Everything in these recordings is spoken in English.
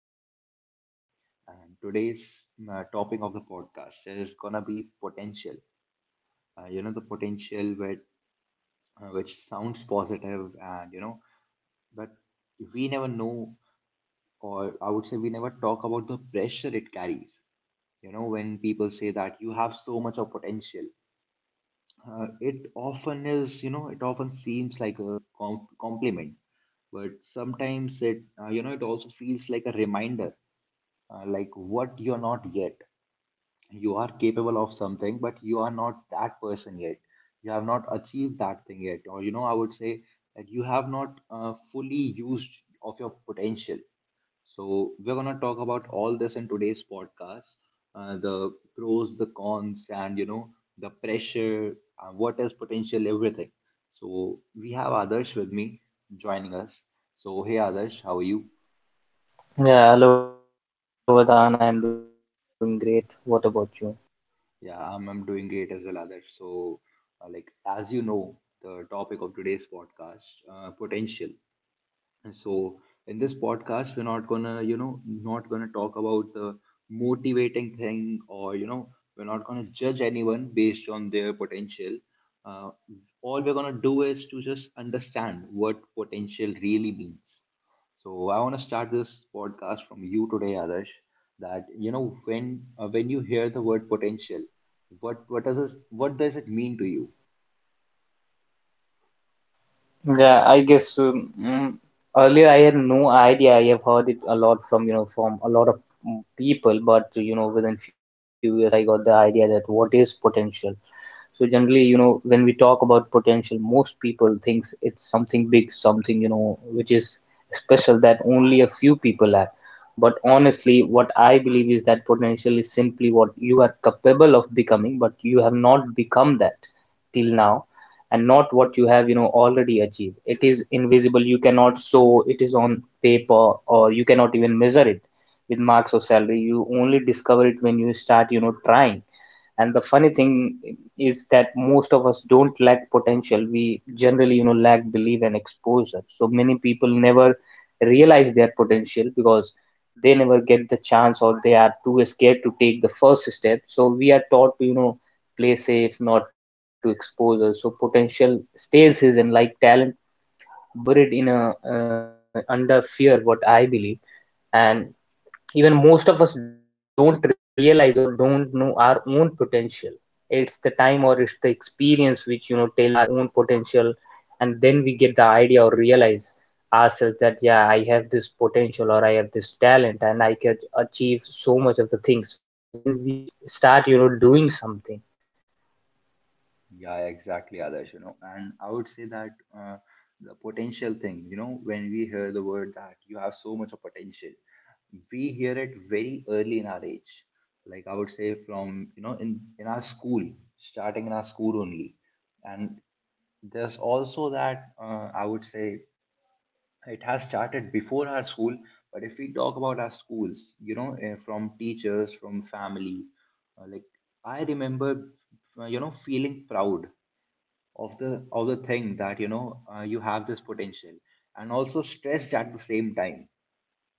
for the evening today. And today's topic of the podcast is gonna be potential. The potential which sounds positive, but we never know, or I would say we never talk about the pressure it carries. You know, when people say that you have so much of potential, it often is, it often seems like a compliment, but sometimes it, it also feels like a reminder, like what you're not yet. You are capable of something, but you are not that person yet. You have not achieved that thing yet, or I would say that you have not fully used of your potential. So, we're going to talk about all this in today's podcast, the pros, the cons, and the pressure, what is potential, everything. So, we have Adarsh with me joining us. So, hey Adarsh, how are you? Yeah, hello Vedant, I'm doing great. What about you? Yeah, I'm doing great as well, Adarsh. So, as you know, the topic of today's podcast, potential. So in this podcast, we're not gonna talk about the motivating thing, or we're not gonna judge anyone based on their potential. Uh, all we're gonna do is to just understand what potential really means. So I want to start this podcast from you today, Adarsh. That when you hear the word potential, what does it mean to you? Yeah, I guess earlier I had no idea. I have heard it a lot from, you know, from a lot of people, but you know, within few years I got the idea that what is potential. So generally, you know, when we talk about potential, most people thinks it's something big, something, you know, which is special, that only a few people have. But honestly, what I believe is that potential is simply what you are capable of, have not become that till now, and not what you have, you know, already achieved. It is invisible. You cannot show it is on paper, or you cannot even measure it with marks or salary. You only discover it when you start, you know, trying. And the funny thing is that most of us don't lack potential. We generally lack belief and exposure. So many people never realize their potential because they never get the chance, or they are too scared to take the first step. So we are taught to, you know, play safe, not to expose us. So potential stays hidden like talent buried in a under fear, what I believe. And even most of us don't realize or don't know our own potential. It's the time, or it's the experience, which, you know, tells our own potential, and then we get the idea or realize ourselves that yeah, I have this potential, or I have this talent, and I can achieve so much of the things when we start, you know, doing something. Yeah, exactly, Adarsh, you know, and I would say that uh, the potential thing, you know, when we hear the word that you have so much of potential, we hear it very early in our age. Like I would say from, in our school, starting in our school only. And there's also that, I would say it has started before our school, but if we talk about our schools, you know, from teachers, from family, like I remember, feeling proud of the thing that you have this potential, and also stressed at the same time,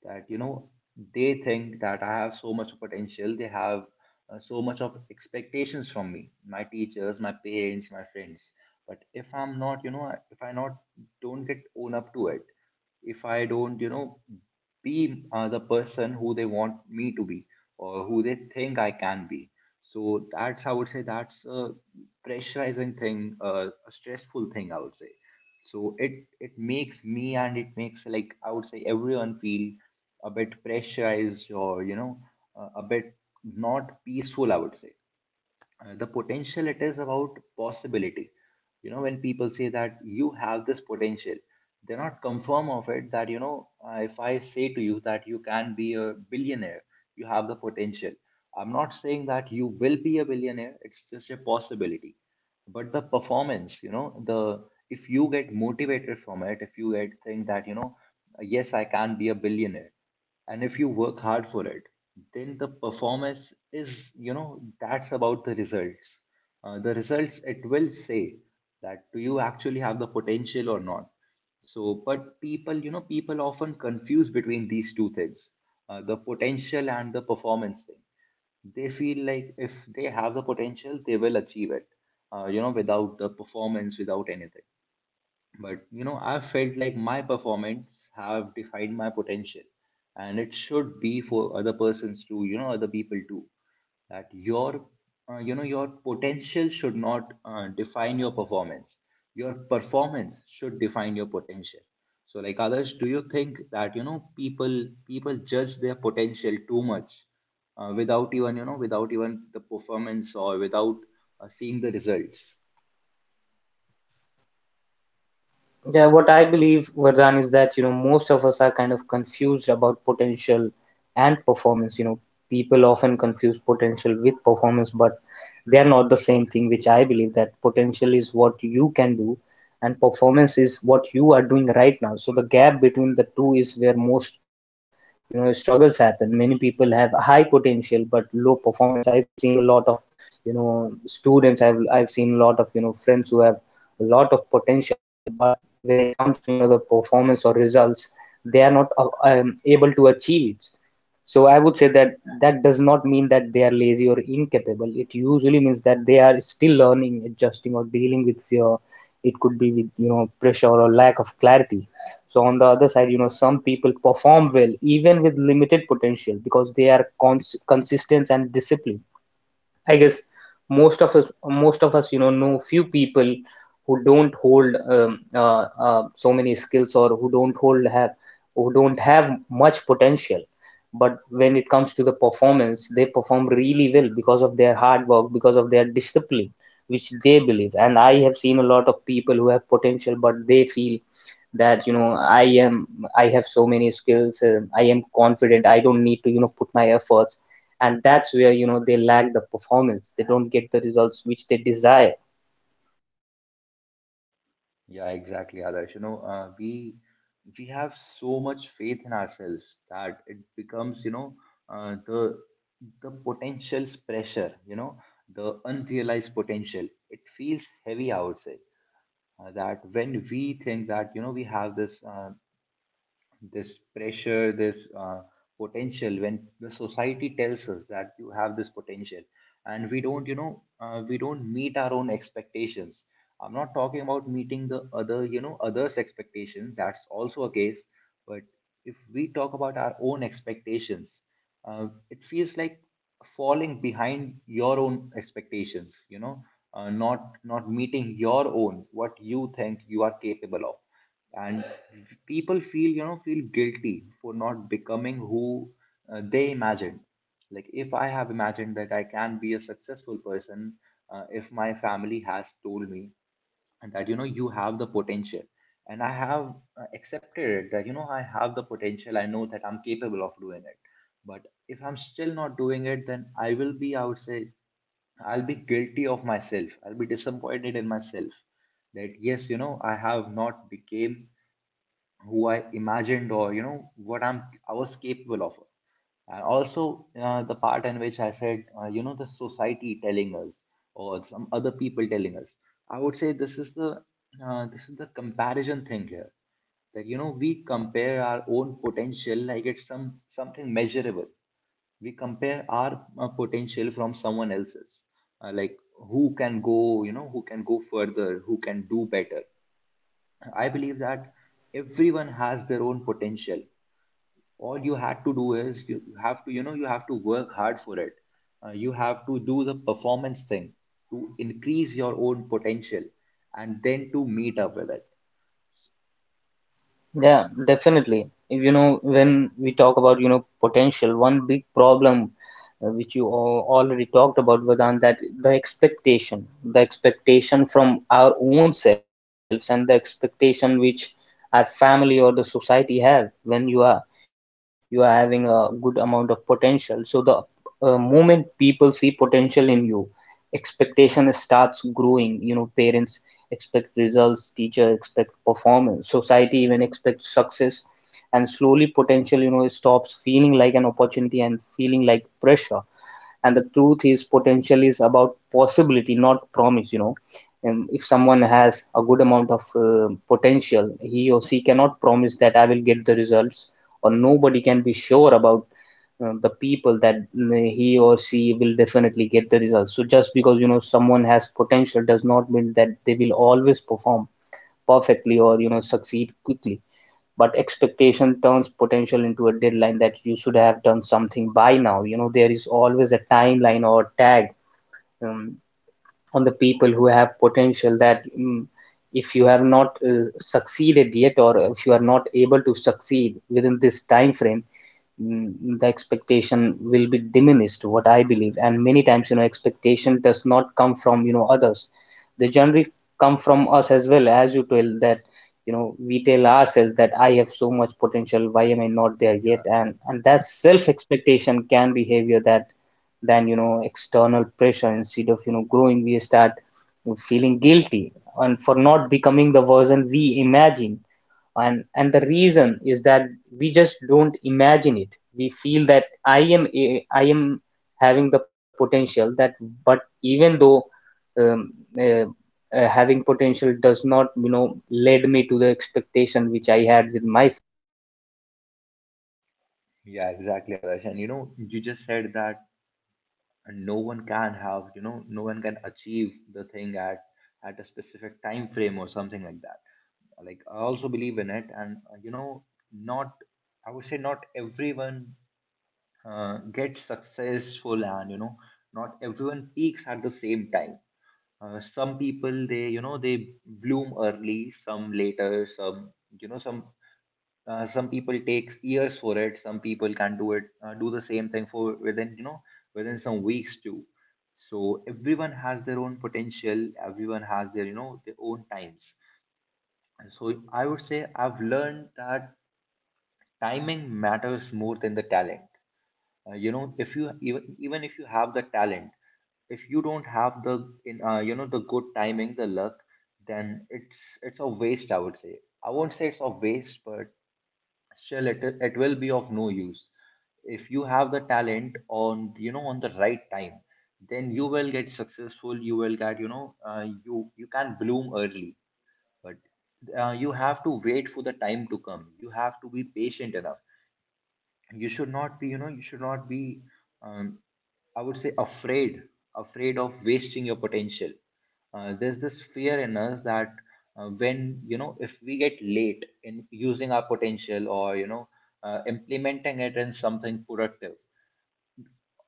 that you know they think that I have so much potential. They have so much of expectations from me, my teachers, my parents, my friends. But if I'm not, you know if I not don't get own up to it, if I don't be the person who they want me to be, or who they think I can be. So that's, I would say that's a pressurizing thing, a stressful thing, I would say. So it makes me and it makes, like I would say everyone feel a bit pressurized, or a bit not peaceful, I would say. The potential, it is about possibility. You know, when people say that you have this potential, they're not confirm of it. That if I say to you that you can be a billionaire, you have the potential. I'm not saying that you will be a billionaire, it's just a possibility. But the performance, you know the if you get motivated from it, if you get think that you know yes, I can be a billionaire, and if you work hard for it, then the performance is, you know, that's about the results. The results, it will say that do you actually have the potential or not. So but people, you know, people often confuse between these two things, the potential and the performance thing. They feel like if they have the potential, they will achieve it, without the performance, without anything. But you know, I felt like my performance have defined my potential, and it should be for other persons too, you know, other people too. That your, your potential should not define your performance. Your performance should define your potential. So like others, do you think that you know people judge their potential too much, without even without even the performance, or without seeing the results? Yeah, what I believe, Vardhan, is that, you know, most of us are kind of confused about potential and performance. You know, people often confuse potential with performance, but they are not the same thing. Which I believe that potential is what you can do, and performance is what you are doing right now. So the gap between the two is where most, you know, struggles happen. Many people have high potential but low performance. I've seen a lot of, you know, students. I've seen a lot of, you know, friends who have a lot of potential, but when it comes to, you know, the performance or results, they are not able to achieve it. So I would say that that does not mean that they are lazy or incapable. It usually means that they are still learning, adjusting, or dealing with fear. It could be with, you know, pressure or lack of clarity. So on the other side, people perform well even with limited potential because they are consistent and disciplined. I guess most of us, you know few people who don't hold so many skills, or who don't have much potential. But when it comes to the performance, they perform really well because of their hard work, because of their discipline, which they believe. And I have seen a lot of people who have potential, but they feel that, you know, I am, I have many skills, I am confident, I don't need to, you know, put my efforts, and that's where, you know, they lack the performance. They don't get the results which they desire. Yeah, exactly, Adarsh. You know, we have so much faith in ourselves that it becomes, you know, uh, the the potential's pressure, you know, the unrealized potential. It feels heavy outside. That when we think that, you know, we have this this pressure, this potential, when the society tells us that you have this potential, and we don't, we don't meet our own expectations. I'm not talking about meeting the other, you know, others' expectations. That's also a case. But if we talk about our own expectations, it feels like falling behind your own expectations, you know, not meeting your own, what you think you are capable of. And people feel, you know, feel guilty for not becoming who they imagined. Like if I have imagined that I can be a successful person, if my family has told me that you know you have the potential, and I have accepted it, that you know I have the potential, I know that I'm capable of doing it. But if I'm still not doing it, then I will be, I would say I'll be guilty of myself, I'll be disappointed in myself. That yes, you know, I have not became who I imagined, or you know what I'm I was capable of. And also the part in which I said, the society telling us, or some other people telling us. I would say this is the comparison thing here, that you know we compare our own potential like it's some something measurable. We compare our potential from someone else's, like who can go, you know, who can go further, who can do better. I believe that everyone has their own potential. All you had to do is you have to, you know, you have to work hard for it. You have to do the performance thing to increase your own potential, and then to meet up with it. Yeah, definitely. You know, when we talk about, you know, potential, one big problem, which you already talked about, Vedant, that the expectation, the expectation from our own selves, and the expectation which our family or the society have when you are, you are having a good amount of potential. So the moment people see potential in you, expectation starts growing. You know, parents expect results, teacher expect performance, society even expects success, and slowly potential, you know, stops feeling like an opportunity and feeling like pressure. And the truth is, potential is about possibility, not promise, you know. And if someone has a good amount of potential, he or she cannot promise that I will get the results, or nobody can be sure about the people that he or she will definitely get the results. So just because, you know, someone has potential does not mean that they will always perform perfectly, or, you know, succeed quickly. But expectation turns potential into a deadline, that you should have done something by now. You know, there is always a timeline or tag um, on the people who have potential, that if you have not succeeded yet, or if you are not able to succeed within this time frame, mm, the expectation will be diminished, what I believe. And many times, you know, expectation does not come from, you know, others. They generally come from us as well, as you tell that, you know, we tell ourselves have so much potential, why am I not there yet? Yeah, And that self expectation can be behavior that than, you know, external pressure. Instead of, you know, growing, we start feeling guilty and for not becoming the version we imagine. And the reason is that we just don't imagine it. We feel that I am I am having the potential that, but even though um, uh, having potential does not, you know, led me to the expectation which I had with myself. yeah, exactly, Adarsh. And you know, you just said that no one can have, you know, no one can achieve the thing at a specific time frame or something like that. Like I also believe in it, and you know, not I would say not everyone get successful, and you know not everyone peaks at the same time. Some people they you know they bloom early, some later, some you know some people take years for it, some people can do it, do the same thing for within you know within some weeks too. So everyone has their own potential, everyone has their, you know, their own times. And so I would say I've learned that timing matters more than the talent. If you, even even if you have the talent, if you don't have the in you know the good timing, the luck, then it's a waste, I would say. I won't say it's a waste, but still it, it will be of no use. If you have the talent on, you know, on the right time, then you will get successful, you will get, you you can bloom early. But you have to wait for the time to come, you have to be patient enough. You should not be, you know, you should not be, um, I would say afraid, afraid of wasting your potential. There's this fear in us that when you know if we get late in using our potential, or implementing it in something productive.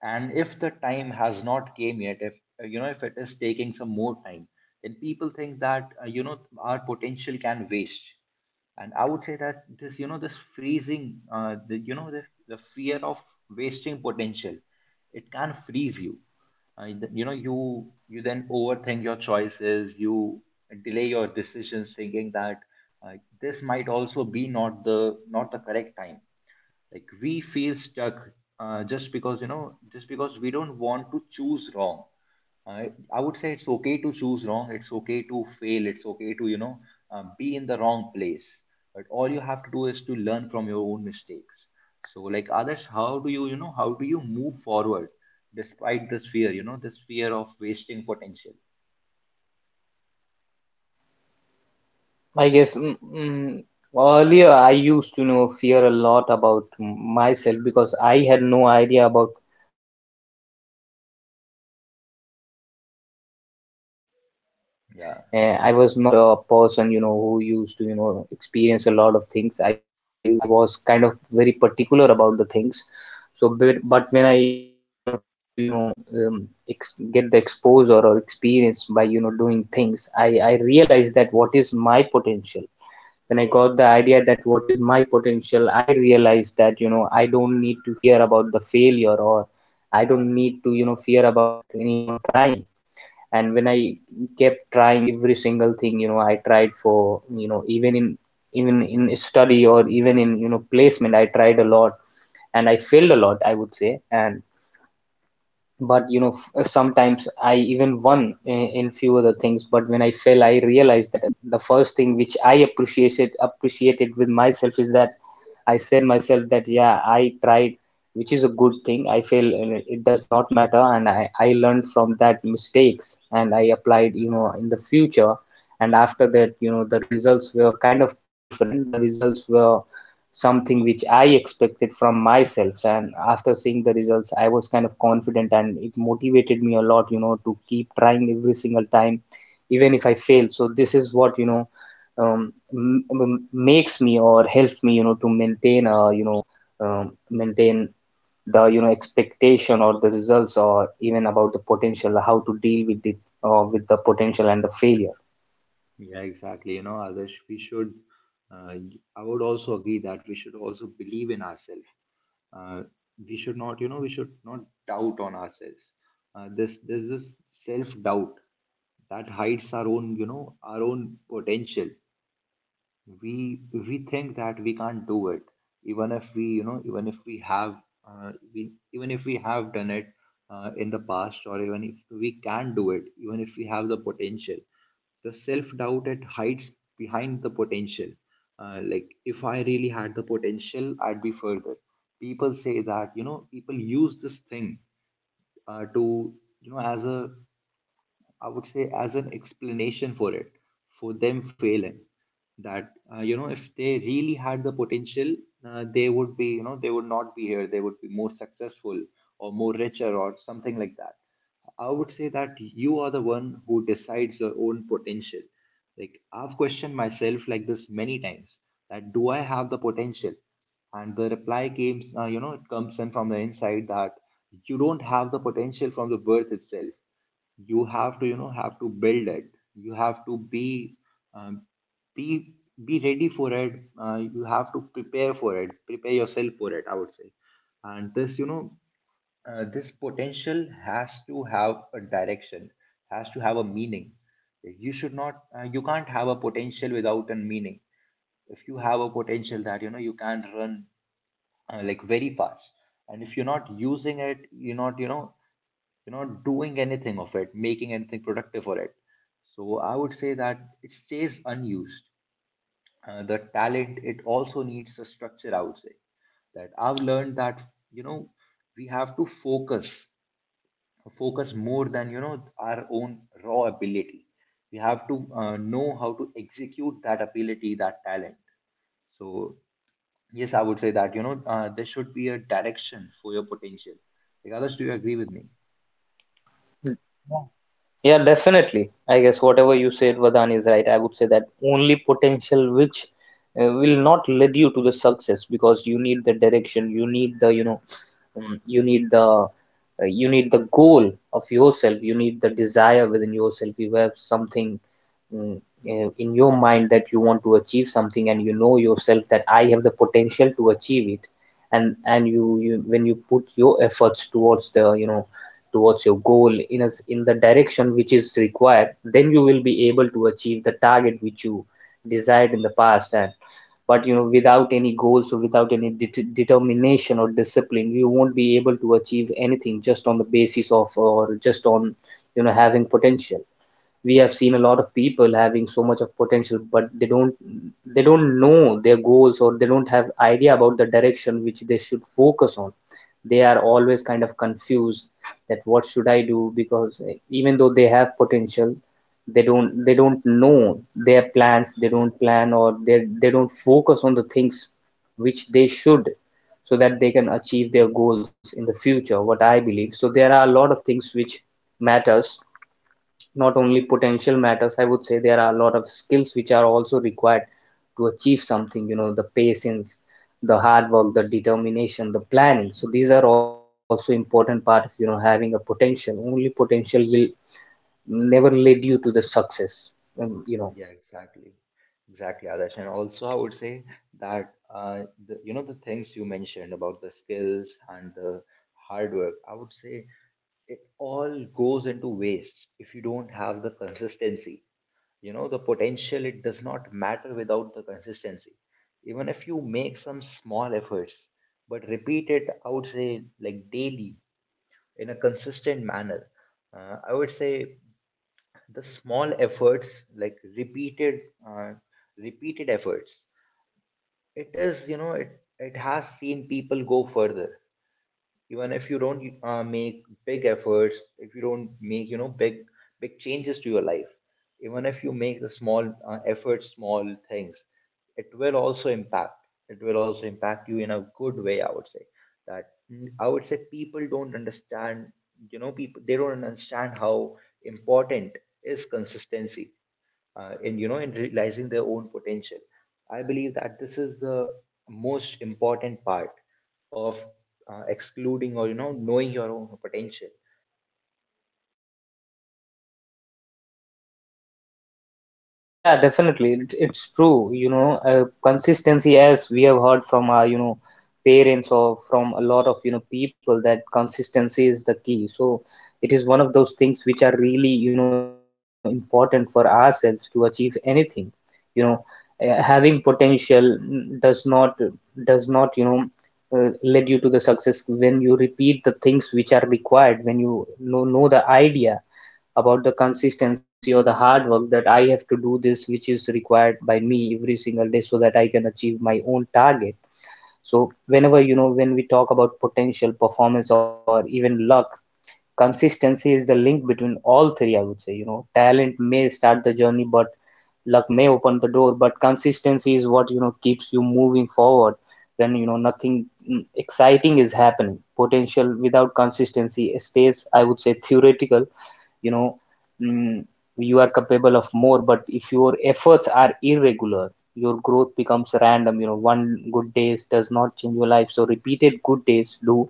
And if the time has not came yet, if you know if it is taking some more time, then people think that you know our potential can waste. And I would say that this, you know, this freezing the, you know the fear of wasting potential, it can freeze you. You know, you then overthink your choices, you delay your decisions thinking that uh, this might also be not the not the correct time. Like we feel stuck, just because you know just because we don't want to choose wrong. I would say it's okay to choose wrong, it's okay to fail, it's okay to be in the wrong place. But all you have to do is to learn from your own mistakes. So like others, how do you, you know, how do you move forward despite this fear, you know, this fear of wasting potential? I guess earlier I used to, you know, fear a lot about myself, because I had no idea about my own potential at that point of time, because I had no exposure, I had no experience. Yeah, I was not a person, you know, who used to, you know, experience a lot of things. I was kind of very particular about the things. So, but when I, you know, try to, you know, ex get the exposure or experience by, you know, doing things, I realized that what is my potential. When I got the idea that what is my potential, I realized that, you know, I don't need to fear about the failure, or I don't need to, you know, fear about, you know, trying. And when I kept trying every single thing, you know, I tried for, you know, even in study, or even in, you know, placement, I tried a lot, and I failed a lot, I would. And but you know sometimes I even won in few other things. But when I fell, I realized that, the first thing which I appreciated with myself is that I said myself that yeah, I tried, which is a good thing, I feel. It does not matter, and I learned from that mistakes, and I applied, you know, in the future. And after that, you know, the results were kind of different. The results were something which I expected from myself. And after seeing the results, I was kind of confident, and it motivated me a lot, you know, to keep trying every single time, even if I fail. So this is what, you know, makes me or helps me, you know, to maintain, you know, maintain the, you know, expectation, or the results, or even about the potential, how to deal with it, with the potential and the failure. yeah exactly. You know others, we should uh, I would also agree that we should Also believe in ourselves. uh, we should not we should not doubt on ourselves. This there's this self doubt that hides our own our own potential. We think that we can't do it, even if we even if we have we even if we have done it in the past, or even if we can do it, even if we have the potential. The self doubt, it hides behind the potential. Like if I really had the potential, I'd be further. People say that, you know, people use this thing to, you know, as a, I would say, as an explanation for it, for them failing. That you know, if they really had the potential, they would be, you know, they would not be here. They would be more successful or more richer or something like that. I would say that you are the one who decides your own potential. Like I've questioned myself like this many times. That do I have the potential? And the reply comes, you know, it comes in from the inside, that you don't have the potential from the birth itself. You have to, you know, have to build it. You have to um, be be ready for it. You have to prepare for it, prepare yourself for it, I would say. And this, you know, this potential has to have a direction, has to have a meaning. You should not, you can't have a potential without a meaning. If you have a potential that, you know, you can run like very fast, and if you're not using it, you're not, you know, you're not doing anything of it, making anything productive for it. So I would say that it stays unused. The talent, it also needs a structure, I would say. That I've learned that, you know, we have to focus, focus more than, you know, our own raw ability. We have to know how to execute that ability, that talent. So, yes, I would say that, you know, there should be a direction for your potential. Like, others, do you agree with me? Yeah, definitely. I guess whatever you said, Vadan, is right. I would say that only potential which will not lead you to the success, because you need the direction, you need the, you know, um, you need the uh, you need the goal of yourself, you need the desire within yourself. You have something, mm, in your mind that you want to achieve something, and you know yourself that I have the potential to achieve it. And you, when you put your efforts towards the, you know, towards your goal in a, in the direction which is required, then you will be able to achieve the target which you desired in the past. And but you know, without any goals, or without any determination or discipline, you won't be able to achieve anything just on the basis of, or just on, you know, having potential. We have seen a lot of people having so much of potential, but they don't know their goals, or they don't have idea about the direction which they should focus on. They are always kind of confused that what should I do. Because even though they have potential, they don't know their plans. They don't plan, or they don't focus on the things which they should, so that they can achieve their goals in the future, what I believe. So there are a lot of things which matters. Not only potential matters, I would say there are a lot of skills which are also required to achieve something, you know, the patience, the hard work, the determination, the planning. So these are also important part of, you know, having a potential. Only potential will never lead you to the success, um, you know. Yeah, exactly. Exactly, Adarsh. And also, I would say that the, you know, the things you mentioned about the skills and the hard work, I would say it all goes into waste if you don't have the consistency. You know, the potential, it does not matter without the consistency. Even if you make some small efforts, but repeat it, I would say, like daily, in a consistent manner. I would say the small efforts, like repeated uh, repeated efforts, it is, you know, it has seen people go further. Even if you don't make big efforts, if you don't make, you know, big big changes to your life, even if you make the small efforts, small things, it will also impact, it will also impact you in a good way, I would say. I would say people don't understand, you know, people they don't understand how important is consistency in, you know, in realizing their own potential. I believe that this is the most important part of excluding or, you know, knowing your own potential. Yeah, definitely. It's true. You know, consistency, as we have heard from our, you know, parents or from a lot of, you know, people, that consistency is the key. So it is one of those things which are really, you know, important for ourselves to achieve anything. You know, having potential does not, you know, lead you to the success when you repeat the things which are required, when you know the idea about the consistency or the hard work that I have to do this, which is required by me every single day so that I can achieve my own target. So, whenever you know, when we talk about potential performance or even luck, consistency is the link between all three. I would say, you know, talent may start the journey, but luck may open the door, but consistency is what, you know, you moving forward when you know nothing exciting is happening. Potential without consistency stays, I would say, theoretical. you know mm, you are capable of more, but if your efforts are irregular, your growth becomes random. You know, one good days does not change your life, so repeated good days do.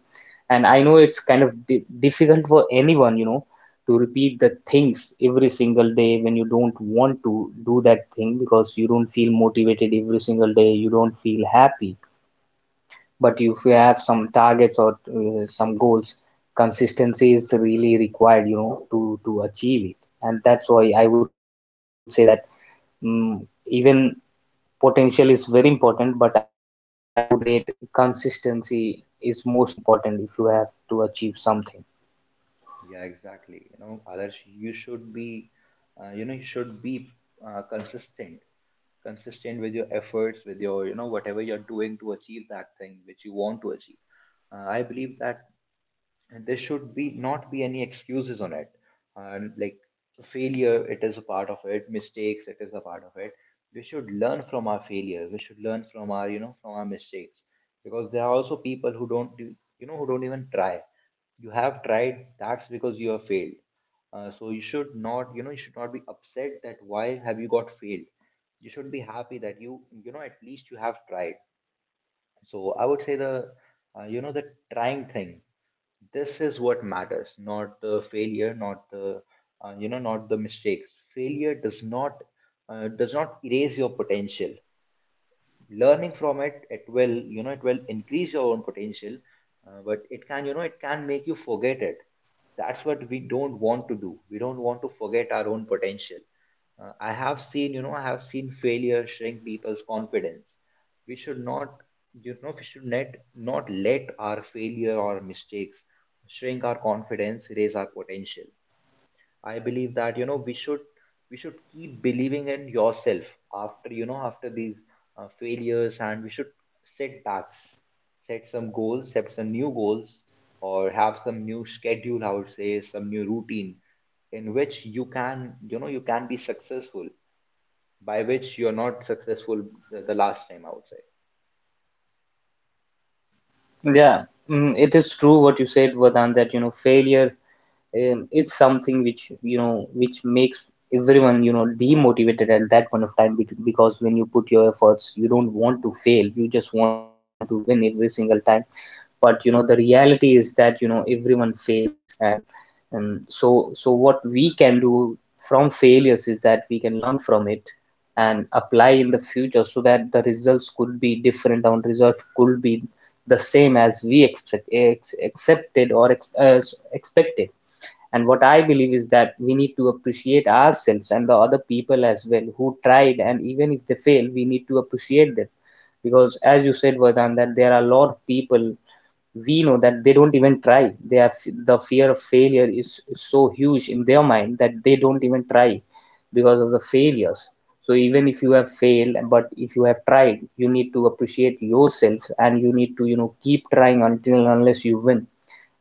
And I know it's kind of difficult for anyone, you know, to repeat the things every single day when you don't want to do that thing because you don't feel motivated every single day, you don't feel happy. But if you have some targets or some goals, consistency is really required, you know, to achieve it. And that's why I would say that mm even potential is very important, but I would rate consistency is most important if you have to achieve something. Yeah, exactly, you know, others, you should be you know, you should be consistent, consistent with your efforts, with your, you know, whatever you're doing to achieve that thing which you want to achieve. I believe that, and there should be not be any excuses on it. And like, failure, it is a part of it, mistakes, it is a part of it. We should learn from our failure, we should learn from our, you know, from our mistakes, because there are also people who don't do- you know, who don't even try. You have tried, that's because you have failed. So you should not, you know, you should not be upset that why have you got failed. You should be happy that you know, at least you have tried. So I would say the you know, the trying thing. This is what matters, not the failure, not the you know, not the mistakes. Failure does not erase your potential. Learning from it, it will, you know, it will increase your own potential. But it can, you know, it can make you forget it. That's what we don't want to do. We don't want to forget our own potential. I have seen, you know, I have seen failure shrink people's confidence. We should not, you know, we should not not let our failure or mistakes shrink our confidence, raise our potential. I believe that, you know, we should, we should keep believing in yourself, after, you know, after these failures, and we should set backs, set some goals, set some new goals, or have some new schedule, I would say, some new routine, in which you can, you know, you can be successful, by which you're not successful the last time, I would say. Yeah, it is true what you said, Vadan. That you know failure and it's something which you know which makes everyone you know demotivated at that point of time because when you put your efforts you don't want to fail, you just want to win every single time. But you know the reality is that you know everyone fails. And so what we can do from failures is that we can learn from it and apply in the future so that the results could be different and results could be the same as we accepted or expected. And what I believe is that we need to appreciate ourselves and the other people as well who tried, and even if they fail, we need to appreciate them. Because, as you said, Vardhan, that there are a lot of people we know that they don't even try. They have the of failure is so huge in their mind that they don't even try because of the failures. So even if you have failed, but if you have tried, you need to appreciate yourself and you need to, you know, keep trying until unless you win.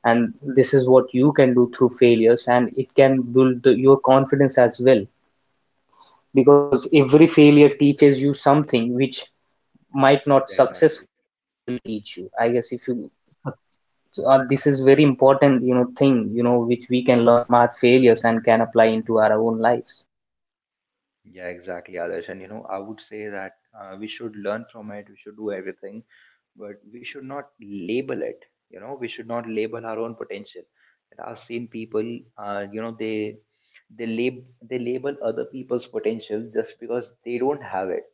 And this is what you can do through failures, and it can build the, your confidence as well, because every failure teaches you something which might not Exactly. success will teach you, I guess, if you. So, this is very important, you know, thing, you know, which we can learn from our failures and can apply into our own lives. Yeah, exactly, Adarsh. And you know, I would say that we should learn from it, we should do everything, but we should not label it. You know, we should not label our own potential. And I've seen people, you know, they lab they label other people's potential just because they don't have it.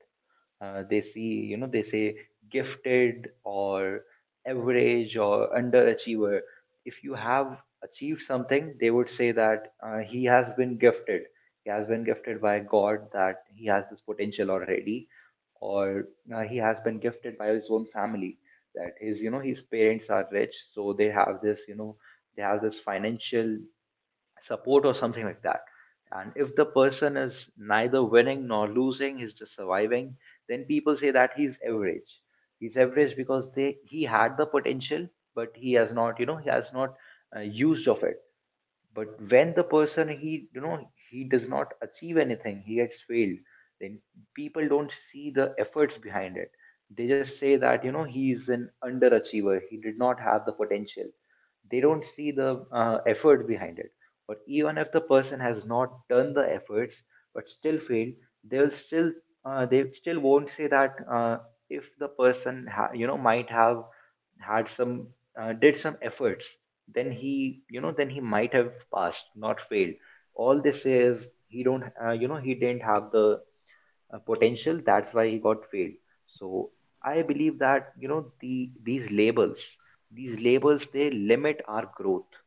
They see, you know, they say gifted, or average, or underachiever. If you have achieved something, they would say that he has been gifted, he has been gifted by God, that he has this potential already. Or he has been gifted by his own family, that his, you know, his parents are rich, so they have this, you know, they have this financial support or something like that. And if the person is neither winning nor losing, he's just surviving, then people say that he's average. He's average because they, he had the potential, but he has not, you know, he has not used of it. But when the person, he, you know, he does not achieve anything, he gets failed, then people don't see the efforts behind it. They just say that, you know, he is an underachiever, he did not have the potential. They don't see the effort behind it. Or even if the person has not done the efforts but still failed, they'll still they still won't say that if the person you know, might have had some did some efforts, then he, you know, then he might have passed, not failed. All this is he don't, you know, he didn't have the potential, that's why he got failed. So I believe that, you know, the these labels they limit our growth.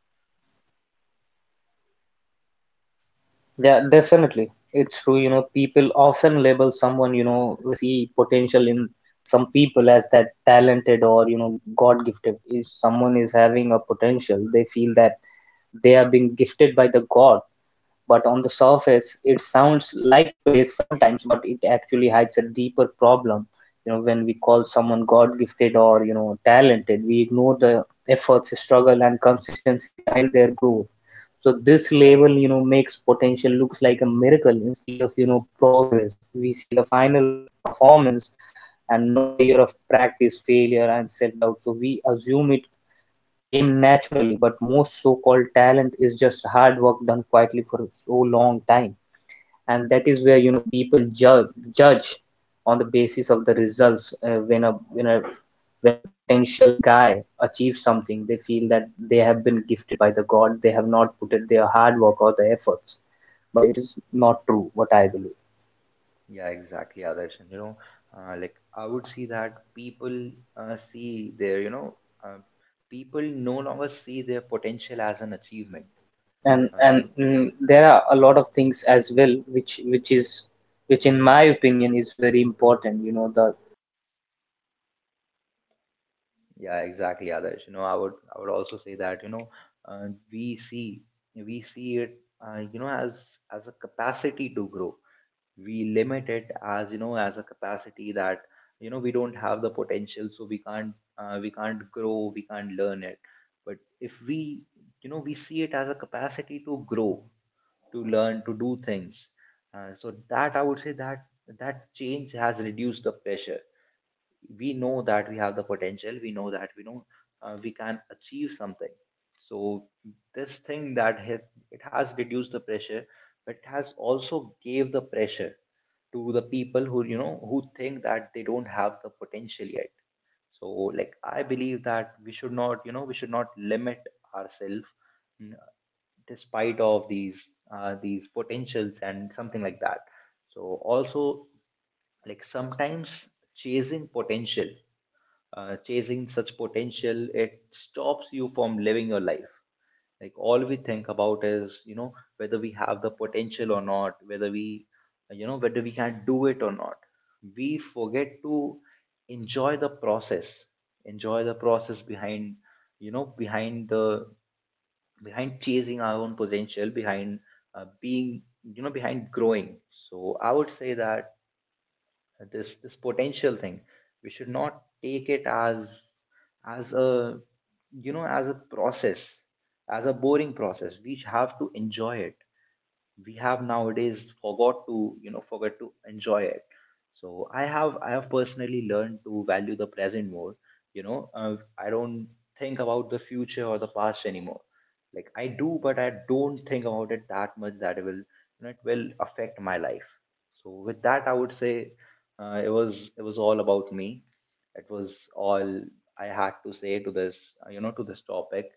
Yeah, definitely. It's true, you know, people often label someone, you know, when they see potential in some people as that talented or, you know, God gifted. If someone is having a potential, they feel that they are being gifted by the God. But on the surface it sounds like praise sometimes, but it actually hides a deeper problem. You know, when we call someone god gifted or you know talented, we ignore the efforts, struggle and consistency behind their growth. So this label, Exactly. you know, makes potential looks like a miracle instead of, you know, progress. We see the final performance and not the year of practice, failure and self doubt, so we assume it came naturally, but most so-called talent is just hard work done quietly for so long time, and that is where, you know, people judge, judge on the basis of the results. When a potential guy achieves something, feel that they have been gifted by the God. They have not put in their hard work or the efforts, but it is not true. What I believe, Yeah, exactly, others, and you know, like I would see that people see their, you know, uh, people no longer see their potential as an achievement. Uh, there are a lot of things as well, which in my opinion is very important. You know, the calling someone you know god gifted Yeah, also exactly, creates Adarsh. You know, I would, I distance. would also It say that, makes you know, other feel, you uh, know, like we they are see special, I we am see not, it, and this you know, thinking kills as a growth. capacity to grow. People stop, you know, We trying limit it because they as, you know, believe as a they lack capacity that, what the other you know, we person don't was have the born with potential, it, so and in reality we potential can't grow, exists we in can't many learn it. forms, But and it if just shows, we, you know, you know, we differently. see it as a So what capacity I to believe is grow, that you know we to don't need learn, to to you know do judge things. people on the Uh, basis so of the that I would results say or that potential. that We need change to, you know, has reduced the appreciate those pressure. who put their We hard know works, that we have the and potential, you we know know that we who, know even if they are we not can able to achieve achieve something. it for So sometimes, it will this be thing okay that for has, them it has if we can reduced the pressure, appreciate them, if but it we has can, you know, also gave the don't pressure demolish their to the confidence or the people who, you know, motivation who within think that themselves. they don't have the So this is potential what yet. I feel, So like I and there believe are a lot that of we things should which not, we you know, can we do should for not the limit people who are ourselves, really hard. mm, despite of these potentials and something like that. So also, like sometimes, chasing potential, chasing such potential, it stops you from living your life. Like all we think about is, you know, whether we have the potential or not, whether we, you know, whether we can do it or not. We forget to enjoy the process, enjoy the process behind, you know, behind the, behind chasing our own potential, behind being, you know, behind growing. So I would say that this potential thing, we should not take it as a, you know, as a process, as a boring process. We have to enjoy it. We have nowadays forgot to, you know, forget to enjoy it. So I have, I have personally learned to value the present more. You know, I don't think about the future or the past anymore. Like I do, but I don't think about it that much that it will, you know, it will affect my life. So with that, I would say it was all about me, it was all I had to say to this, you know, to this topic.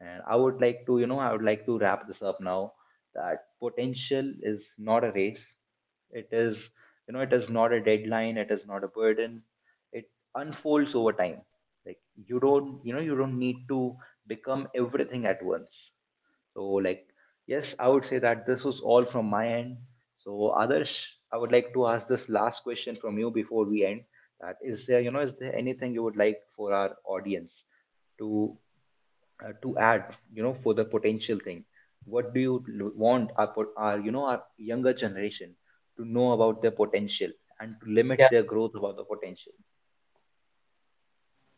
And I would like to, you know, I would like to wrap this up now, that potential is not a race, it is, you know, it is not a deadline, it is not a burden, it unfolds over time. Like you don't, you know, you don't need to become everything at once. So like, yes, I would say that this was all from my end. So others, I would like to ask this last question from you before we end, that is there, you know, is there anything you would like for our audience to to add, you know, for the potential thing. What do you want our, our, you know, our younger generation to know about their potential, and to Yeah, limit their growth about the potential.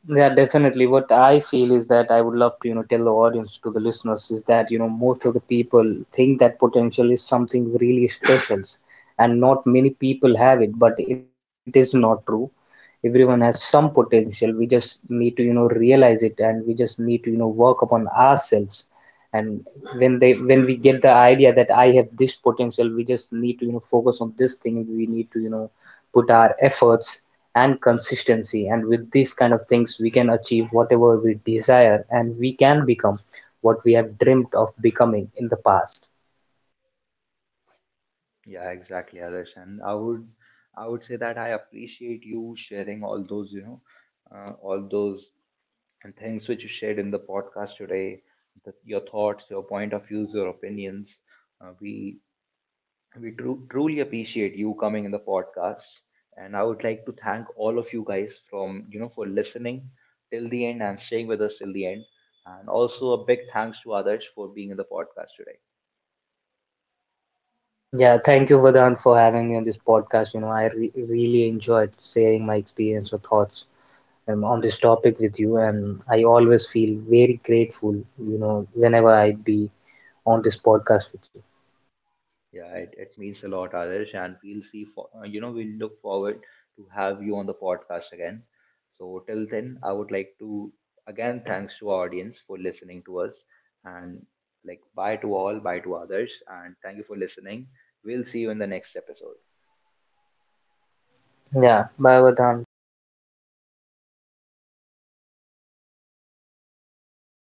yeah, definitely. What I feel is that I would love to, you know, tell the audience, to the listeners, is that, you know, most of the people think that potential is something really special, and not many people have it, but it is not true. Everyone has some potential. We just need to, you know, realize it, and we just need to, you know, work upon ourselves. And when they, when we get the idea that I have this potential, we just need to, you know, focus on this thing, we need to, you know, put our efforts and consistency, and with these kind of things we can achieve whatever we desire, and we can become what we have dreamt of becoming in the past. Yeah, exactly, Adarsh. And I would, I would say that I appreciate you sharing all those, you know, all those and things which you shared in the podcast today, your thoughts, your point of views, your opinions. uh, we We truly appreciate you coming in the podcast, and I would like to thank all of you guys from, you know, for listening till the end and staying with us till the end, and also a big thanks to others for being in the podcast today. Yeah, thank you, Vadan, for having me on this podcast. You know, I really enjoyed sharing my experience or thoughts on this topic with you, and I always feel very grateful, you know, whenever I be on this podcast with Yeah, it means a lot, others, and we'll see. For you know, we'll look forward to have you on the podcast again. So till then, I would like to again thanks to our audience for listening to us, and like bye to all, bye to others, and thank you for listening. We'll see you in the next episode. you. Yeah, bye, Vadan, take care.